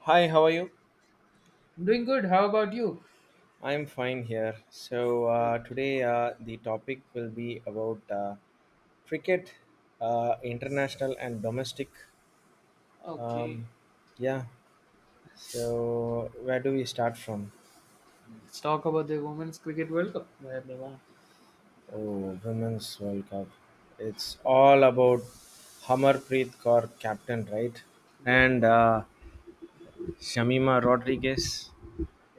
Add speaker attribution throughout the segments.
Speaker 1: Hi, how are you?
Speaker 2: I'm doing good. How about you?
Speaker 1: I'm fine here. So
Speaker 2: Great.
Speaker 1: today the topic will be about cricket,
Speaker 2: Yes.
Speaker 1: international and domestic.
Speaker 2: Okay.
Speaker 1: Um, yeah. So where do we start from?
Speaker 2: Let's talk about the Women's Cricket World Cup where they won.
Speaker 1: Oh, Women's World Cup. It's all about Hamarpreet Kaur captain, right?
Speaker 2: Yeah.
Speaker 1: And Shamima Rodriguez.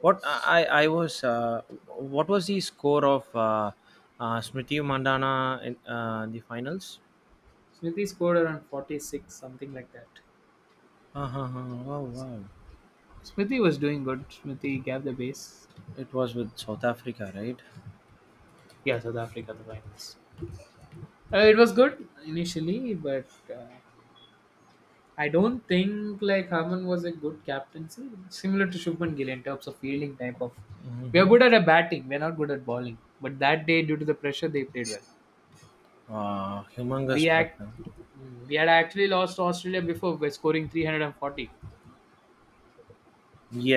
Speaker 1: What I was what was the score of Smriti Mandana in the finals?
Speaker 2: Smithy scored around 46, something like that.
Speaker 1: Uh-huh. Wow, wow.
Speaker 2: Smithy was doing good. Smithy gave the base.
Speaker 1: It was with South Africa, right?
Speaker 2: Yeah. South Africa the finals. It was good initially, but I don't think like Harman was a good captaincy. Similar to Shubman Gill in terms of fielding type of. We are good at a batting. We are not good at bowling. But that day, due to the pressure, they played well.
Speaker 1: Humongous
Speaker 2: we
Speaker 1: pressure.
Speaker 2: act we had actually lost Australia before by scoring 340,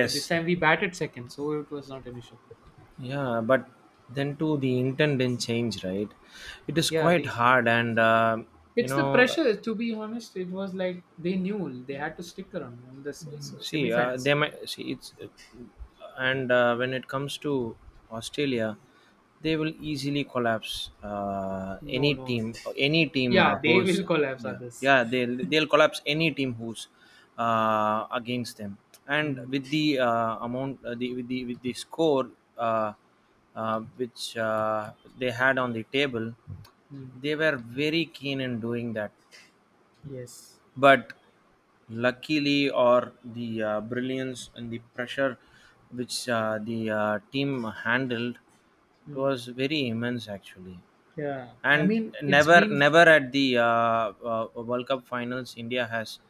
Speaker 2: but this time we batted second, so it was not an issue.
Speaker 1: Yeah, but then too the intent didn't change, right? It is
Speaker 2: Yeah,
Speaker 1: quite
Speaker 2: they
Speaker 1: hard, and you
Speaker 2: it's the
Speaker 1: know
Speaker 2: pressure. To be honest, it was like they knew they had to stick around in the
Speaker 1: see,
Speaker 2: semifinals.
Speaker 1: they might see it's, and when it comes to Australia, they will easily collapse.
Speaker 2: No,
Speaker 1: Any
Speaker 2: no, no.
Speaker 1: team,
Speaker 2: Yeah, they
Speaker 1: who's
Speaker 2: will collapse
Speaker 1: yeah,
Speaker 2: others.
Speaker 1: yeah, they'll collapse any team who's against them. And
Speaker 2: Mm,
Speaker 1: with the with the with the score uh, which they had on the table,
Speaker 2: mm,
Speaker 1: they were very keen in doing that
Speaker 2: yes.
Speaker 1: but luckily or the brilliance and the pressure which the team handled it
Speaker 2: Mm,
Speaker 1: was very immense actually
Speaker 2: yeah, I
Speaker 1: and
Speaker 2: mean it's
Speaker 1: never
Speaker 2: been.
Speaker 1: never at the World Cup finals India has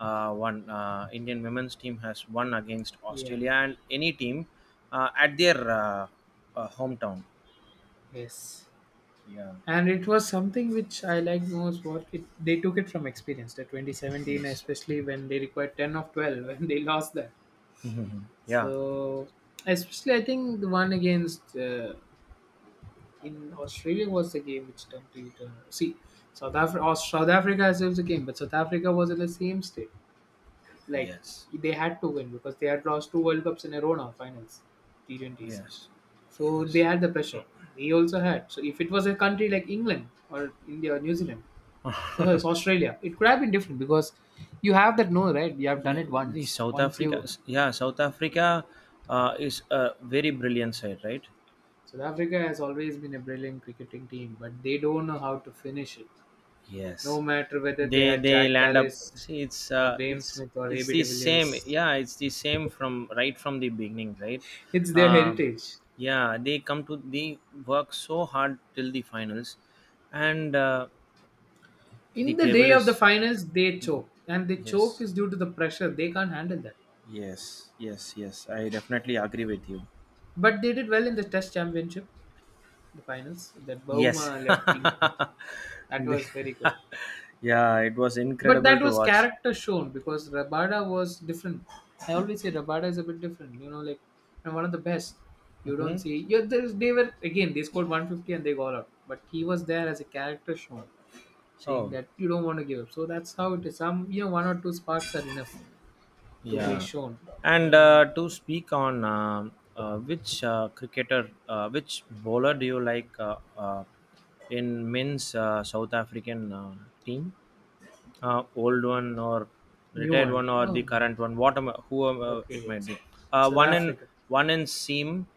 Speaker 1: won Indian women's team has won against
Speaker 2: Yeah.
Speaker 1: Australia and any team at their hometown
Speaker 2: Yes.
Speaker 1: yeah
Speaker 2: And it was something which I liked most. What it they took it from experience. The 2017,
Speaker 1: yes
Speaker 2: especially when they required 10 of 12, and they lost that.
Speaker 1: yeah
Speaker 2: So especially, I think the one against in Australia was the game which turned to see South Africa. South Africa as well was the game, but South Africa was in the same state. Like
Speaker 1: yes
Speaker 2: they had to win because they had lost two World Cups in a row now, finals, T20s.
Speaker 1: yes
Speaker 2: So they
Speaker 1: yes
Speaker 2: had the pressure. We also had. So if it was a country like England or India or New Zealand it's Australia. It could have been different because you have that no right. You have done
Speaker 1: yeah,
Speaker 2: it
Speaker 1: the
Speaker 2: once.
Speaker 1: South
Speaker 2: Once
Speaker 1: Africa,
Speaker 2: you
Speaker 1: yeah, South Africa is a very brilliant side, right?
Speaker 2: South Africa has always been a brilliant cricketing team, but they don't know how to finish it.
Speaker 1: Yes,
Speaker 2: No matter whether they
Speaker 1: they
Speaker 2: had
Speaker 1: they
Speaker 2: Jack
Speaker 1: land up.
Speaker 2: Callis
Speaker 1: See, it's
Speaker 2: or
Speaker 1: uh,
Speaker 2: Graham
Speaker 1: it's
Speaker 2: Smith or
Speaker 1: it's
Speaker 2: AB de
Speaker 1: the same.
Speaker 2: Villiers,
Speaker 1: Yeah, it's the same from right from the beginning, right?
Speaker 2: it's their
Speaker 1: Um,
Speaker 2: heritage.
Speaker 1: yeah, they come to they work so hard till the finals, and the
Speaker 2: In the
Speaker 1: table
Speaker 2: day of the
Speaker 1: is
Speaker 2: finals, they choke, and the choke
Speaker 1: yes,
Speaker 2: is due to the pressure. They can't handle that.
Speaker 1: yes. I definitely agree with you.
Speaker 2: But they did well in the Test Championship, the finals. That
Speaker 1: Yes.
Speaker 2: Bahuma led team, that
Speaker 1: The-
Speaker 2: was very good.
Speaker 1: yeah, it was
Speaker 2: But
Speaker 1: incredible
Speaker 2: that
Speaker 1: to
Speaker 2: was
Speaker 1: watch.
Speaker 2: character shown because Rabada was different. I always say Rabada is a bit different, like and one of the best. You
Speaker 1: Hmm.
Speaker 2: don't see. Yeah, there's they were again they scored 150 and they got out. But he was there as a character shown, saying
Speaker 1: Oh,
Speaker 2: that you don't want to give up. So that's how it is. Some, one or two sparks are enough to be
Speaker 1: yeah.
Speaker 2: shown.
Speaker 1: And
Speaker 2: And
Speaker 1: to speak on which bowler do you like in men's South African team? Old one or
Speaker 2: new
Speaker 1: retired
Speaker 2: one.
Speaker 1: one or the
Speaker 2: Oh,
Speaker 1: current one whoever
Speaker 2: okay,
Speaker 1: it might
Speaker 2: it's
Speaker 1: be uh,
Speaker 2: South
Speaker 1: one in
Speaker 2: Africa.
Speaker 1: one in seam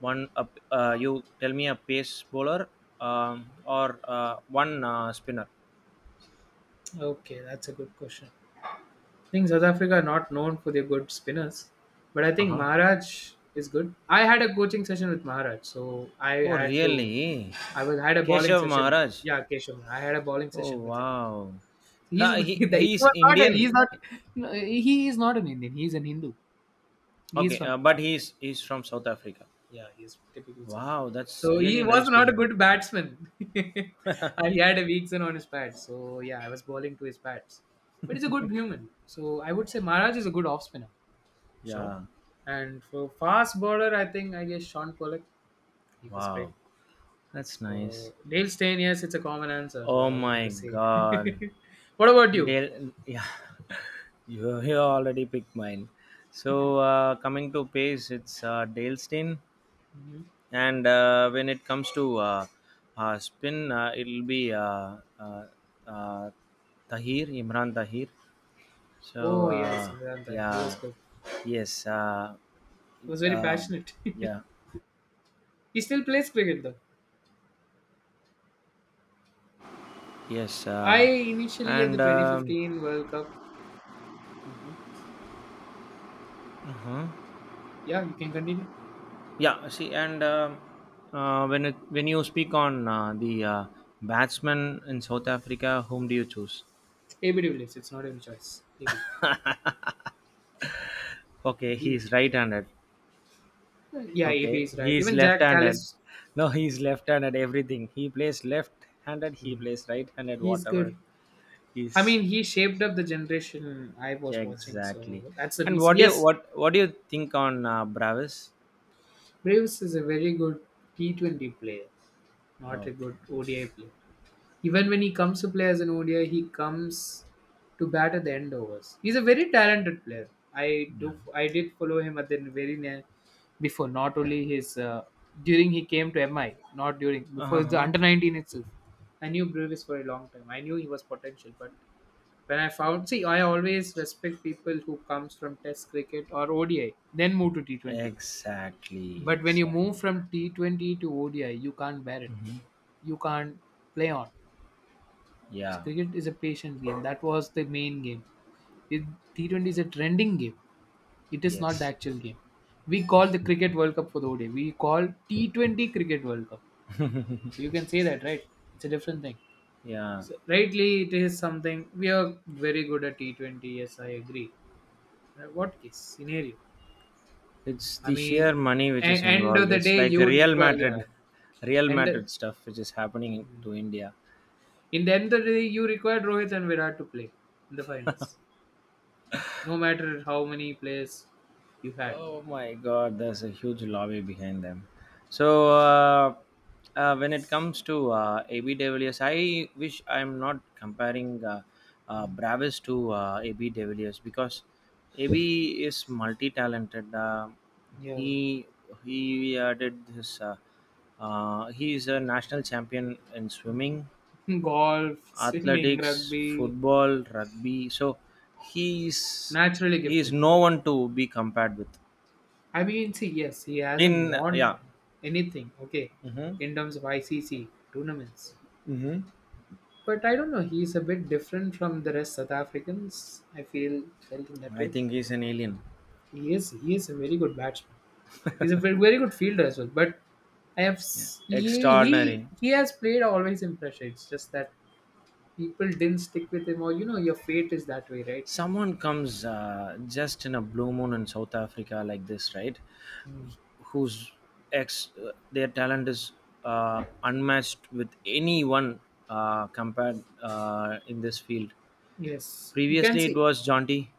Speaker 1: you tell me a pace bowler or one spinner.
Speaker 2: Okay, that's a good question. I think South Africa are not known for their good spinners, but I
Speaker 1: Uh
Speaker 2: think
Speaker 1: huh.
Speaker 2: Maharaj is good. I had a coaching session with Maharaj, so I
Speaker 1: Oh
Speaker 2: had to.
Speaker 1: really.
Speaker 2: I was had a bowling
Speaker 1: Keshav
Speaker 2: session.
Speaker 1: Maharaj.
Speaker 2: Yeah, Keshav. I had a bowling
Speaker 1: Oh
Speaker 2: session with him.
Speaker 1: wow. Ha,
Speaker 2: He's
Speaker 1: he
Speaker 2: he
Speaker 1: he's
Speaker 2: was not. A,
Speaker 1: Indian.
Speaker 2: he's not. No, he is not an Indian. He's an Hindu. He is
Speaker 1: Okay
Speaker 2: from South
Speaker 1: but
Speaker 2: Africa.
Speaker 1: he's from South Africa.
Speaker 2: Yeah, he is typically South African.
Speaker 1: Wow that's
Speaker 2: So he
Speaker 1: really
Speaker 2: was
Speaker 1: nice to
Speaker 2: not a
Speaker 1: hear.
Speaker 2: good batsman, and he had a weak zone on his pad. So yeah, I was bowling to his bats, but he's a good human. So I would say Maharaj is a good off spinner. Sure.
Speaker 1: Yeah.
Speaker 2: And for fast bowler, I think I guess Sean Pollock. He was great.
Speaker 1: Wow that's nice.
Speaker 2: So Dale Steyn, yes, it's a common answer. So
Speaker 1: Oh
Speaker 2: I don't want
Speaker 1: my
Speaker 2: to say.
Speaker 1: god.
Speaker 2: What about you?
Speaker 1: Del yeah. You already picked mine. So coming to pace, it's Dalestein,
Speaker 2: Mhm.
Speaker 1: and when it comes to spin, it'll be uh, Tahir Imran Tahir. So
Speaker 2: Oh yes, Vedanta. He
Speaker 1: yeah,
Speaker 2: was good.
Speaker 1: yes,
Speaker 2: He was very
Speaker 1: um
Speaker 2: passionate.
Speaker 1: yeah,
Speaker 2: He still plays cricket though.
Speaker 1: yes,
Speaker 2: I initially at the
Speaker 1: and
Speaker 2: 2015 World Cup. Mhm.
Speaker 1: huh?
Speaker 2: Yeah, you can continue.
Speaker 1: Yeah, see, and when it, when you speak on the batsman in South Africa, whom do you choose?
Speaker 2: AB de Villiers. It's not even choice. AB.
Speaker 1: Okay, he
Speaker 2: He,
Speaker 1: is right-handed.
Speaker 2: yeah, AB
Speaker 1: Okay,
Speaker 2: is
Speaker 1: he
Speaker 2: right.
Speaker 1: is
Speaker 2: Even Jack
Speaker 1: left-handed.
Speaker 2: Callis.
Speaker 1: No, he is left-handed. Everything he plays left-handed, he
Speaker 2: Mm.
Speaker 1: plays right-handed.
Speaker 2: He's
Speaker 1: Whatever
Speaker 2: good. I
Speaker 1: he's
Speaker 2: mean, he shaped up the generation I was watching,
Speaker 1: exactly.
Speaker 2: so that's the
Speaker 1: And what
Speaker 2: reason.
Speaker 1: do you
Speaker 2: Yes,
Speaker 1: what do you think on Bravis?
Speaker 2: Braves is a very good T20 player, not a good
Speaker 1: Okay.
Speaker 2: ODI player. Even when he comes to play as an ODI, he comes to bat at the end overs. He's a very talented player. I
Speaker 1: Yeah.
Speaker 2: do. I did follow him at the very near before. Not only his during he came to MI, not during
Speaker 1: Uh
Speaker 2: before the
Speaker 1: huh.
Speaker 2: under 19 itself. I knew Braves for a long time. I knew he was potential, but when I found, see, I always respect people who comes from Test cricket or ODI, then move to T20.
Speaker 1: Exactly.
Speaker 2: But when you
Speaker 1: Exactly.
Speaker 2: move from T20 to ODI, you can't bear it. You can't play on.
Speaker 1: Yeah.
Speaker 2: Cricket is a patient game. That was the main game. It, T20 is a trending game. It is not the
Speaker 1: Yes.
Speaker 2: actual game. We call the Cricket World Cup for the ODI. We call T20 Cricket World Cup. So you can say that, right? It's a different thing.
Speaker 1: Yeah.
Speaker 2: So, rightly, it is something we are very good at T20. Yes, I agree. What case scenario?
Speaker 1: It's
Speaker 2: I
Speaker 1: the
Speaker 2: mean,
Speaker 1: sheer money which is
Speaker 2: end of
Speaker 1: involved.
Speaker 2: the
Speaker 1: It's
Speaker 2: day,
Speaker 1: like
Speaker 2: you
Speaker 1: a
Speaker 2: would
Speaker 1: Real
Speaker 2: require. Yeah,
Speaker 1: Madrid, Real
Speaker 2: and
Speaker 1: Madrid stuff which is happening to India.
Speaker 2: in the end of the day, you required Rohit and Virat to play in the finals, no matter how many players you had.
Speaker 1: Oh my God, there's a huge lobby behind them. So when it comes to AB de Villiers, I wish I'm not comparing
Speaker 2: Mm.
Speaker 1: Bravis to AB de Villiers because AB is multi-talented.
Speaker 2: Yeah.
Speaker 1: He he did his. He is a national champion in swimming
Speaker 2: Golf, swimming,
Speaker 1: athletics,
Speaker 2: rugby,
Speaker 1: football, rugby. So he is
Speaker 2: naturally
Speaker 1: he is
Speaker 2: gifted.
Speaker 1: no one to be compared with.
Speaker 2: I mean, see, yes, he hasn't
Speaker 1: In
Speaker 2: won
Speaker 1: yeah,
Speaker 2: anything, okay,
Speaker 1: hmm.
Speaker 2: in terms of ICC tournaments.
Speaker 1: Mm-hmm.
Speaker 2: But I don't know, he's a bit different from the rest South Africans. I feel felt in that
Speaker 1: I
Speaker 2: way.
Speaker 1: think he's an alien.
Speaker 2: He is a very good batsman. He's a very, very good fielder as well. But I have
Speaker 1: Yeah,
Speaker 2: s-
Speaker 1: extraordinary.
Speaker 2: he has played always in pressure. It's just that people didn't stick with him, or you know your fate is that way, right?
Speaker 1: Someone comes just in a blue moon in South Africa like this, right? Whose ex their talent is unmatched with anyone compared in this field.
Speaker 2: Yes, you can
Speaker 1: Previously, it
Speaker 2: see.
Speaker 1: was Jonty.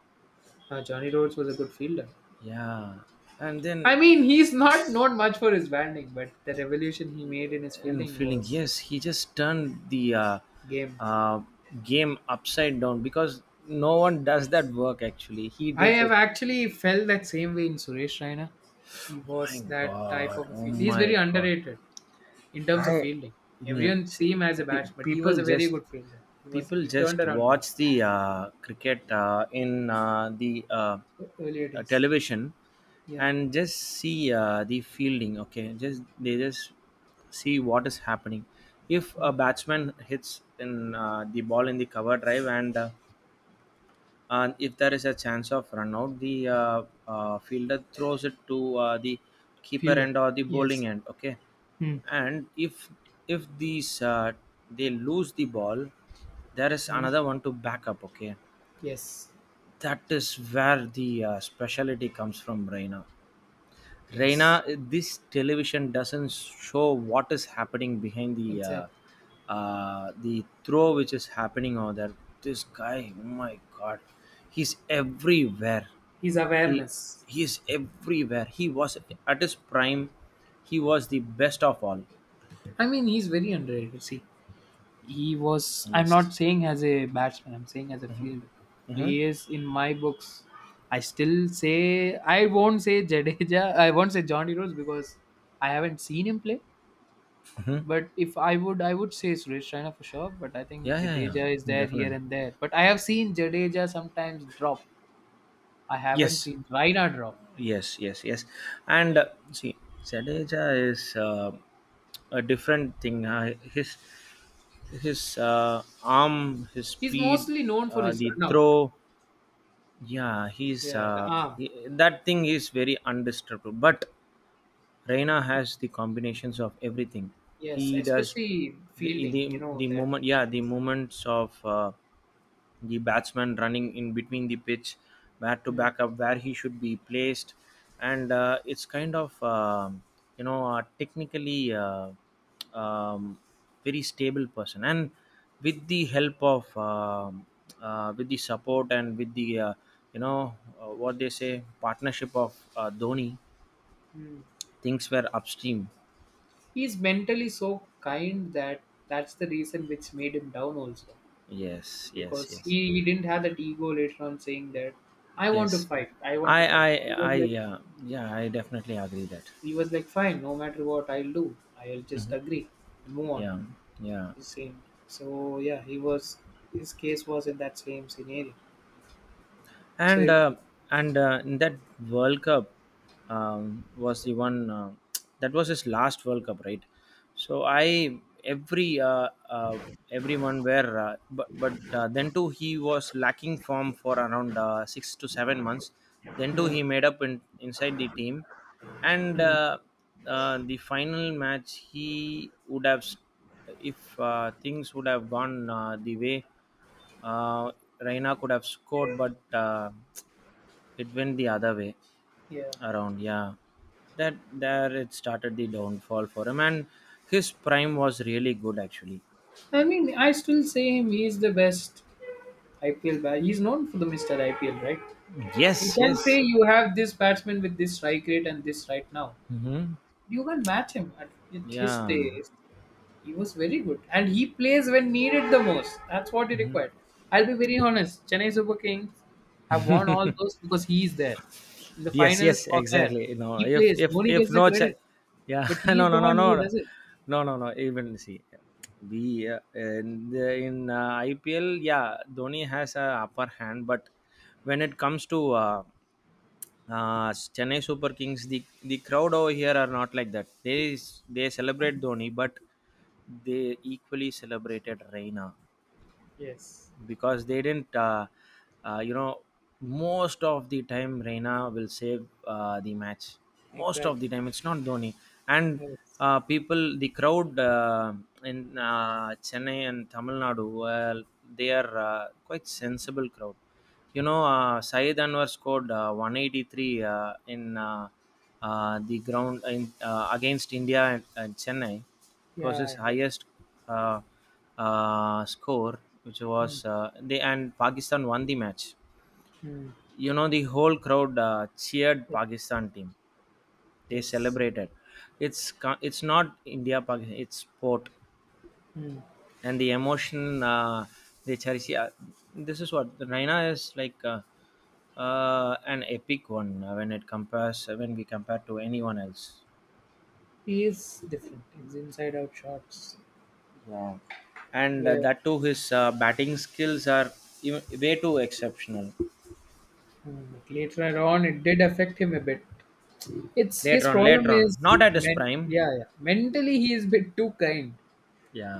Speaker 2: Johnny Rhodes was a good fielder.
Speaker 1: Yeah, and
Speaker 2: I
Speaker 1: then
Speaker 2: mean, he's not known much for his batting, but the revolution he made in his
Speaker 1: and
Speaker 2: fielding
Speaker 1: feeling
Speaker 2: was
Speaker 1: yes he just turned the
Speaker 2: game.
Speaker 1: uh, game upside down because no one does that work actually he
Speaker 2: I
Speaker 1: did
Speaker 2: have
Speaker 1: it.
Speaker 2: actually felt that same way in Suresh Raina. He
Speaker 1: Oh my
Speaker 2: was that type
Speaker 1: god
Speaker 2: of a
Speaker 1: oh
Speaker 2: fielder. He's very
Speaker 1: my god.
Speaker 2: underrated in terms of
Speaker 1: I
Speaker 2: fielding.
Speaker 1: yeah,
Speaker 2: Everyone see
Speaker 1: see
Speaker 2: him as a
Speaker 1: pe-
Speaker 2: batsman, but he was
Speaker 1: people
Speaker 2: a very
Speaker 1: just
Speaker 2: good fielder. He was
Speaker 1: people
Speaker 2: he turned
Speaker 1: just
Speaker 2: around games
Speaker 1: watch the cricket in the
Speaker 2: earlier days.
Speaker 1: television
Speaker 2: Yeah,
Speaker 1: and just see the fielding okay just they just see what is happening if a batsman hits in the ball in the cover drive and if there is a chance of run out the fielder throws it to the keeper
Speaker 2: fielder.
Speaker 1: end or the bowling
Speaker 2: Yes.
Speaker 1: end okay
Speaker 2: Hmm.
Speaker 1: and if these they lose the ball there is
Speaker 2: Hmm.
Speaker 1: another one to back up okay
Speaker 2: Yes.
Speaker 1: that is where the speciality comes from Raina.
Speaker 2: Yes.
Speaker 1: Reina, this television doesn't show what is happening behind
Speaker 2: Exactly.
Speaker 1: the throw which is happening over there. This guy, oh my god, he's everywhere.
Speaker 2: His
Speaker 1: He
Speaker 2: awareness.
Speaker 1: he is everywhere. He was at his prime. He was the best of all.
Speaker 2: I mean, he's very underrated. See, he was. I'm
Speaker 1: Yes.
Speaker 2: not saying as a batsman. I'm saying as a fielder.
Speaker 1: Mm-hmm.
Speaker 2: He is in my books. I still say I won't say Jadeja. I won't say Johnny Rose because I haven't seen him play. But if I would, I would say Suresh Raina for sure. But I think
Speaker 1: Yeah, yeah,
Speaker 2: Jadeja is
Speaker 1: yeah,
Speaker 2: there here
Speaker 1: Definitely.
Speaker 2: and there. But I have seen Jadeja sometimes drop. I haven't
Speaker 1: Yes,
Speaker 2: seen Raina drop.
Speaker 1: yes. And see, Jadeja is a different thing. His arm, his
Speaker 2: He's
Speaker 1: speed,
Speaker 2: mostly known for his
Speaker 1: the
Speaker 2: run out.
Speaker 1: throw. Yeah,
Speaker 2: Yeah, the arm.
Speaker 1: he, that thing is very undistractable. But Reina has the combinations of everything.
Speaker 2: Yes,
Speaker 1: He does
Speaker 2: especially fielding. You
Speaker 1: the
Speaker 2: know that.
Speaker 1: moment. Yeah, the moments of. The batsman running in between the pitch, where to
Speaker 2: Mm,
Speaker 1: back up, where he should be placed, and it's kind of technically um, very stable person. And with the help of with the support and with the what they say partnership of Dhoni,
Speaker 2: mm.
Speaker 1: things were upstream.
Speaker 2: He's mentally so kind that that's the reason which made him down also,
Speaker 1: Yes,
Speaker 2: because he didn't have that ego later on saying that I want to
Speaker 1: yes.
Speaker 2: fight. I want to
Speaker 1: I,
Speaker 2: fight.
Speaker 1: I,
Speaker 2: He was like,
Speaker 1: I, uh, yeah, I definitely agree that.
Speaker 2: he was like fine no matter what I'll do. I'll just agree and move on
Speaker 1: Yeah, yeah.
Speaker 2: the same. So yeah, he was his case was in that same scenario.
Speaker 1: and
Speaker 2: So
Speaker 1: uh, and In that World Cup was the one that was his last World Cup, right? So I every everyone were but then too he was lacking form for around 6 to 7 months. Then too
Speaker 2: mm,
Speaker 1: he made up inside the team, and
Speaker 2: mm,
Speaker 1: the final match he would have s- if things would have gone the way. Uh, Reina could have scored, but it went the other way
Speaker 2: yeah,
Speaker 1: around. Yeah, that there it started the downfall for him, and his prime was really good actually.
Speaker 2: I mean I still say him, he's the best IPL bat. He's known for the Mr. IPL, right? You
Speaker 1: Yes,
Speaker 2: can say
Speaker 1: yes.
Speaker 2: you have this batsman with this strike rate, and this right now.
Speaker 1: Hmm.
Speaker 2: You can match him at with his
Speaker 1: Yeah,
Speaker 2: taste. He was very good, and he plays when needed the most. That's what he required. I'll be very honest. Chennai Super Kings have won all those because he is there in the
Speaker 1: yes,
Speaker 2: finals
Speaker 1: yes,
Speaker 2: or there.
Speaker 1: exactly. No,
Speaker 2: He plays. Dhoni
Speaker 1: if
Speaker 2: gets the
Speaker 1: no, ch-
Speaker 2: credit,
Speaker 1: yeah,
Speaker 2: but he
Speaker 1: no,
Speaker 2: is the one who does it.
Speaker 1: no. Even see, we in IPL, yeah, Dhoni has a upper hand, but when it comes to Chennai Super Kings, the crowd over here are not like that. They celebrate Dhoni, but they equally celebrated Reina
Speaker 2: Yes,
Speaker 1: because they didn't uh, you know most of the time Reina will save the match most of the
Speaker 2: exactly.
Speaker 1: time it's not Dhoni and
Speaker 2: Yes.
Speaker 1: people the crowd in Chennai and Tamil Nadu well they are quite sensible crowd Syed Anwar scored 183 in the ground against India and Chennai
Speaker 2: Yeah, I
Speaker 1: possessed
Speaker 2: heard.
Speaker 1: highest uh, score, which
Speaker 2: Hmm.
Speaker 1: was they and Pakistan won the match.
Speaker 2: Hmm.
Speaker 1: You know, the whole crowd cheered
Speaker 2: Yes.
Speaker 1: Pakistan team. They
Speaker 2: Yes.
Speaker 1: celebrated. It's not India Pakistan. It's sport
Speaker 2: Hmm.
Speaker 1: and the emotion they cherish. Yeah, this is what the Raina is like. An epic one when we compare to anyone else.
Speaker 2: He is different. His inside out shots
Speaker 1: Yeah. And
Speaker 2: where
Speaker 1: that too, his batting skills are way too exceptional.
Speaker 2: later on it did affect him a bit. It's
Speaker 1: Later
Speaker 2: his
Speaker 1: on, later
Speaker 2: problem
Speaker 1: on,
Speaker 2: is
Speaker 1: not at his prime.
Speaker 2: yeah, yeah. Mentally he is a bit too kind.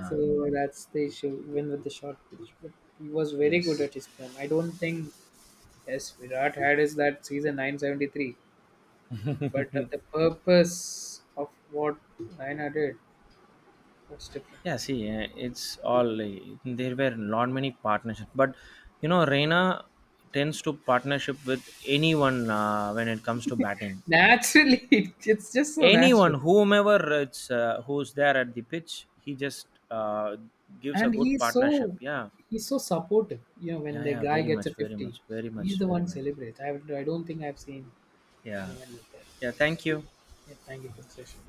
Speaker 2: So that's the issue, even with the short pitch. But he was very good
Speaker 1: yes.
Speaker 2: at his prime. I don't think, yes, Virat had is that season 973, but at the purpose of what Raina did was different.
Speaker 1: Yeah, see, it's all there were not many partnerships, but you know, Reina tends to partnership with anyone when it comes to batting.
Speaker 2: Naturally, it's just so
Speaker 1: Anyone,
Speaker 2: natural.
Speaker 1: whomever it's who's there at the pitch, he just gives a
Speaker 2: And
Speaker 1: good partnership. Yeah,
Speaker 2: he's so supportive. You know, when the
Speaker 1: yeah,
Speaker 2: guy
Speaker 1: very
Speaker 2: gets
Speaker 1: much,
Speaker 2: a 50, he's the
Speaker 1: very
Speaker 2: one
Speaker 1: much.
Speaker 2: celebrates. I don't think I've seen
Speaker 1: Yeah.
Speaker 2: anyone like that.
Speaker 1: Yeah. Thank you.
Speaker 2: Yeah, thank you for the session.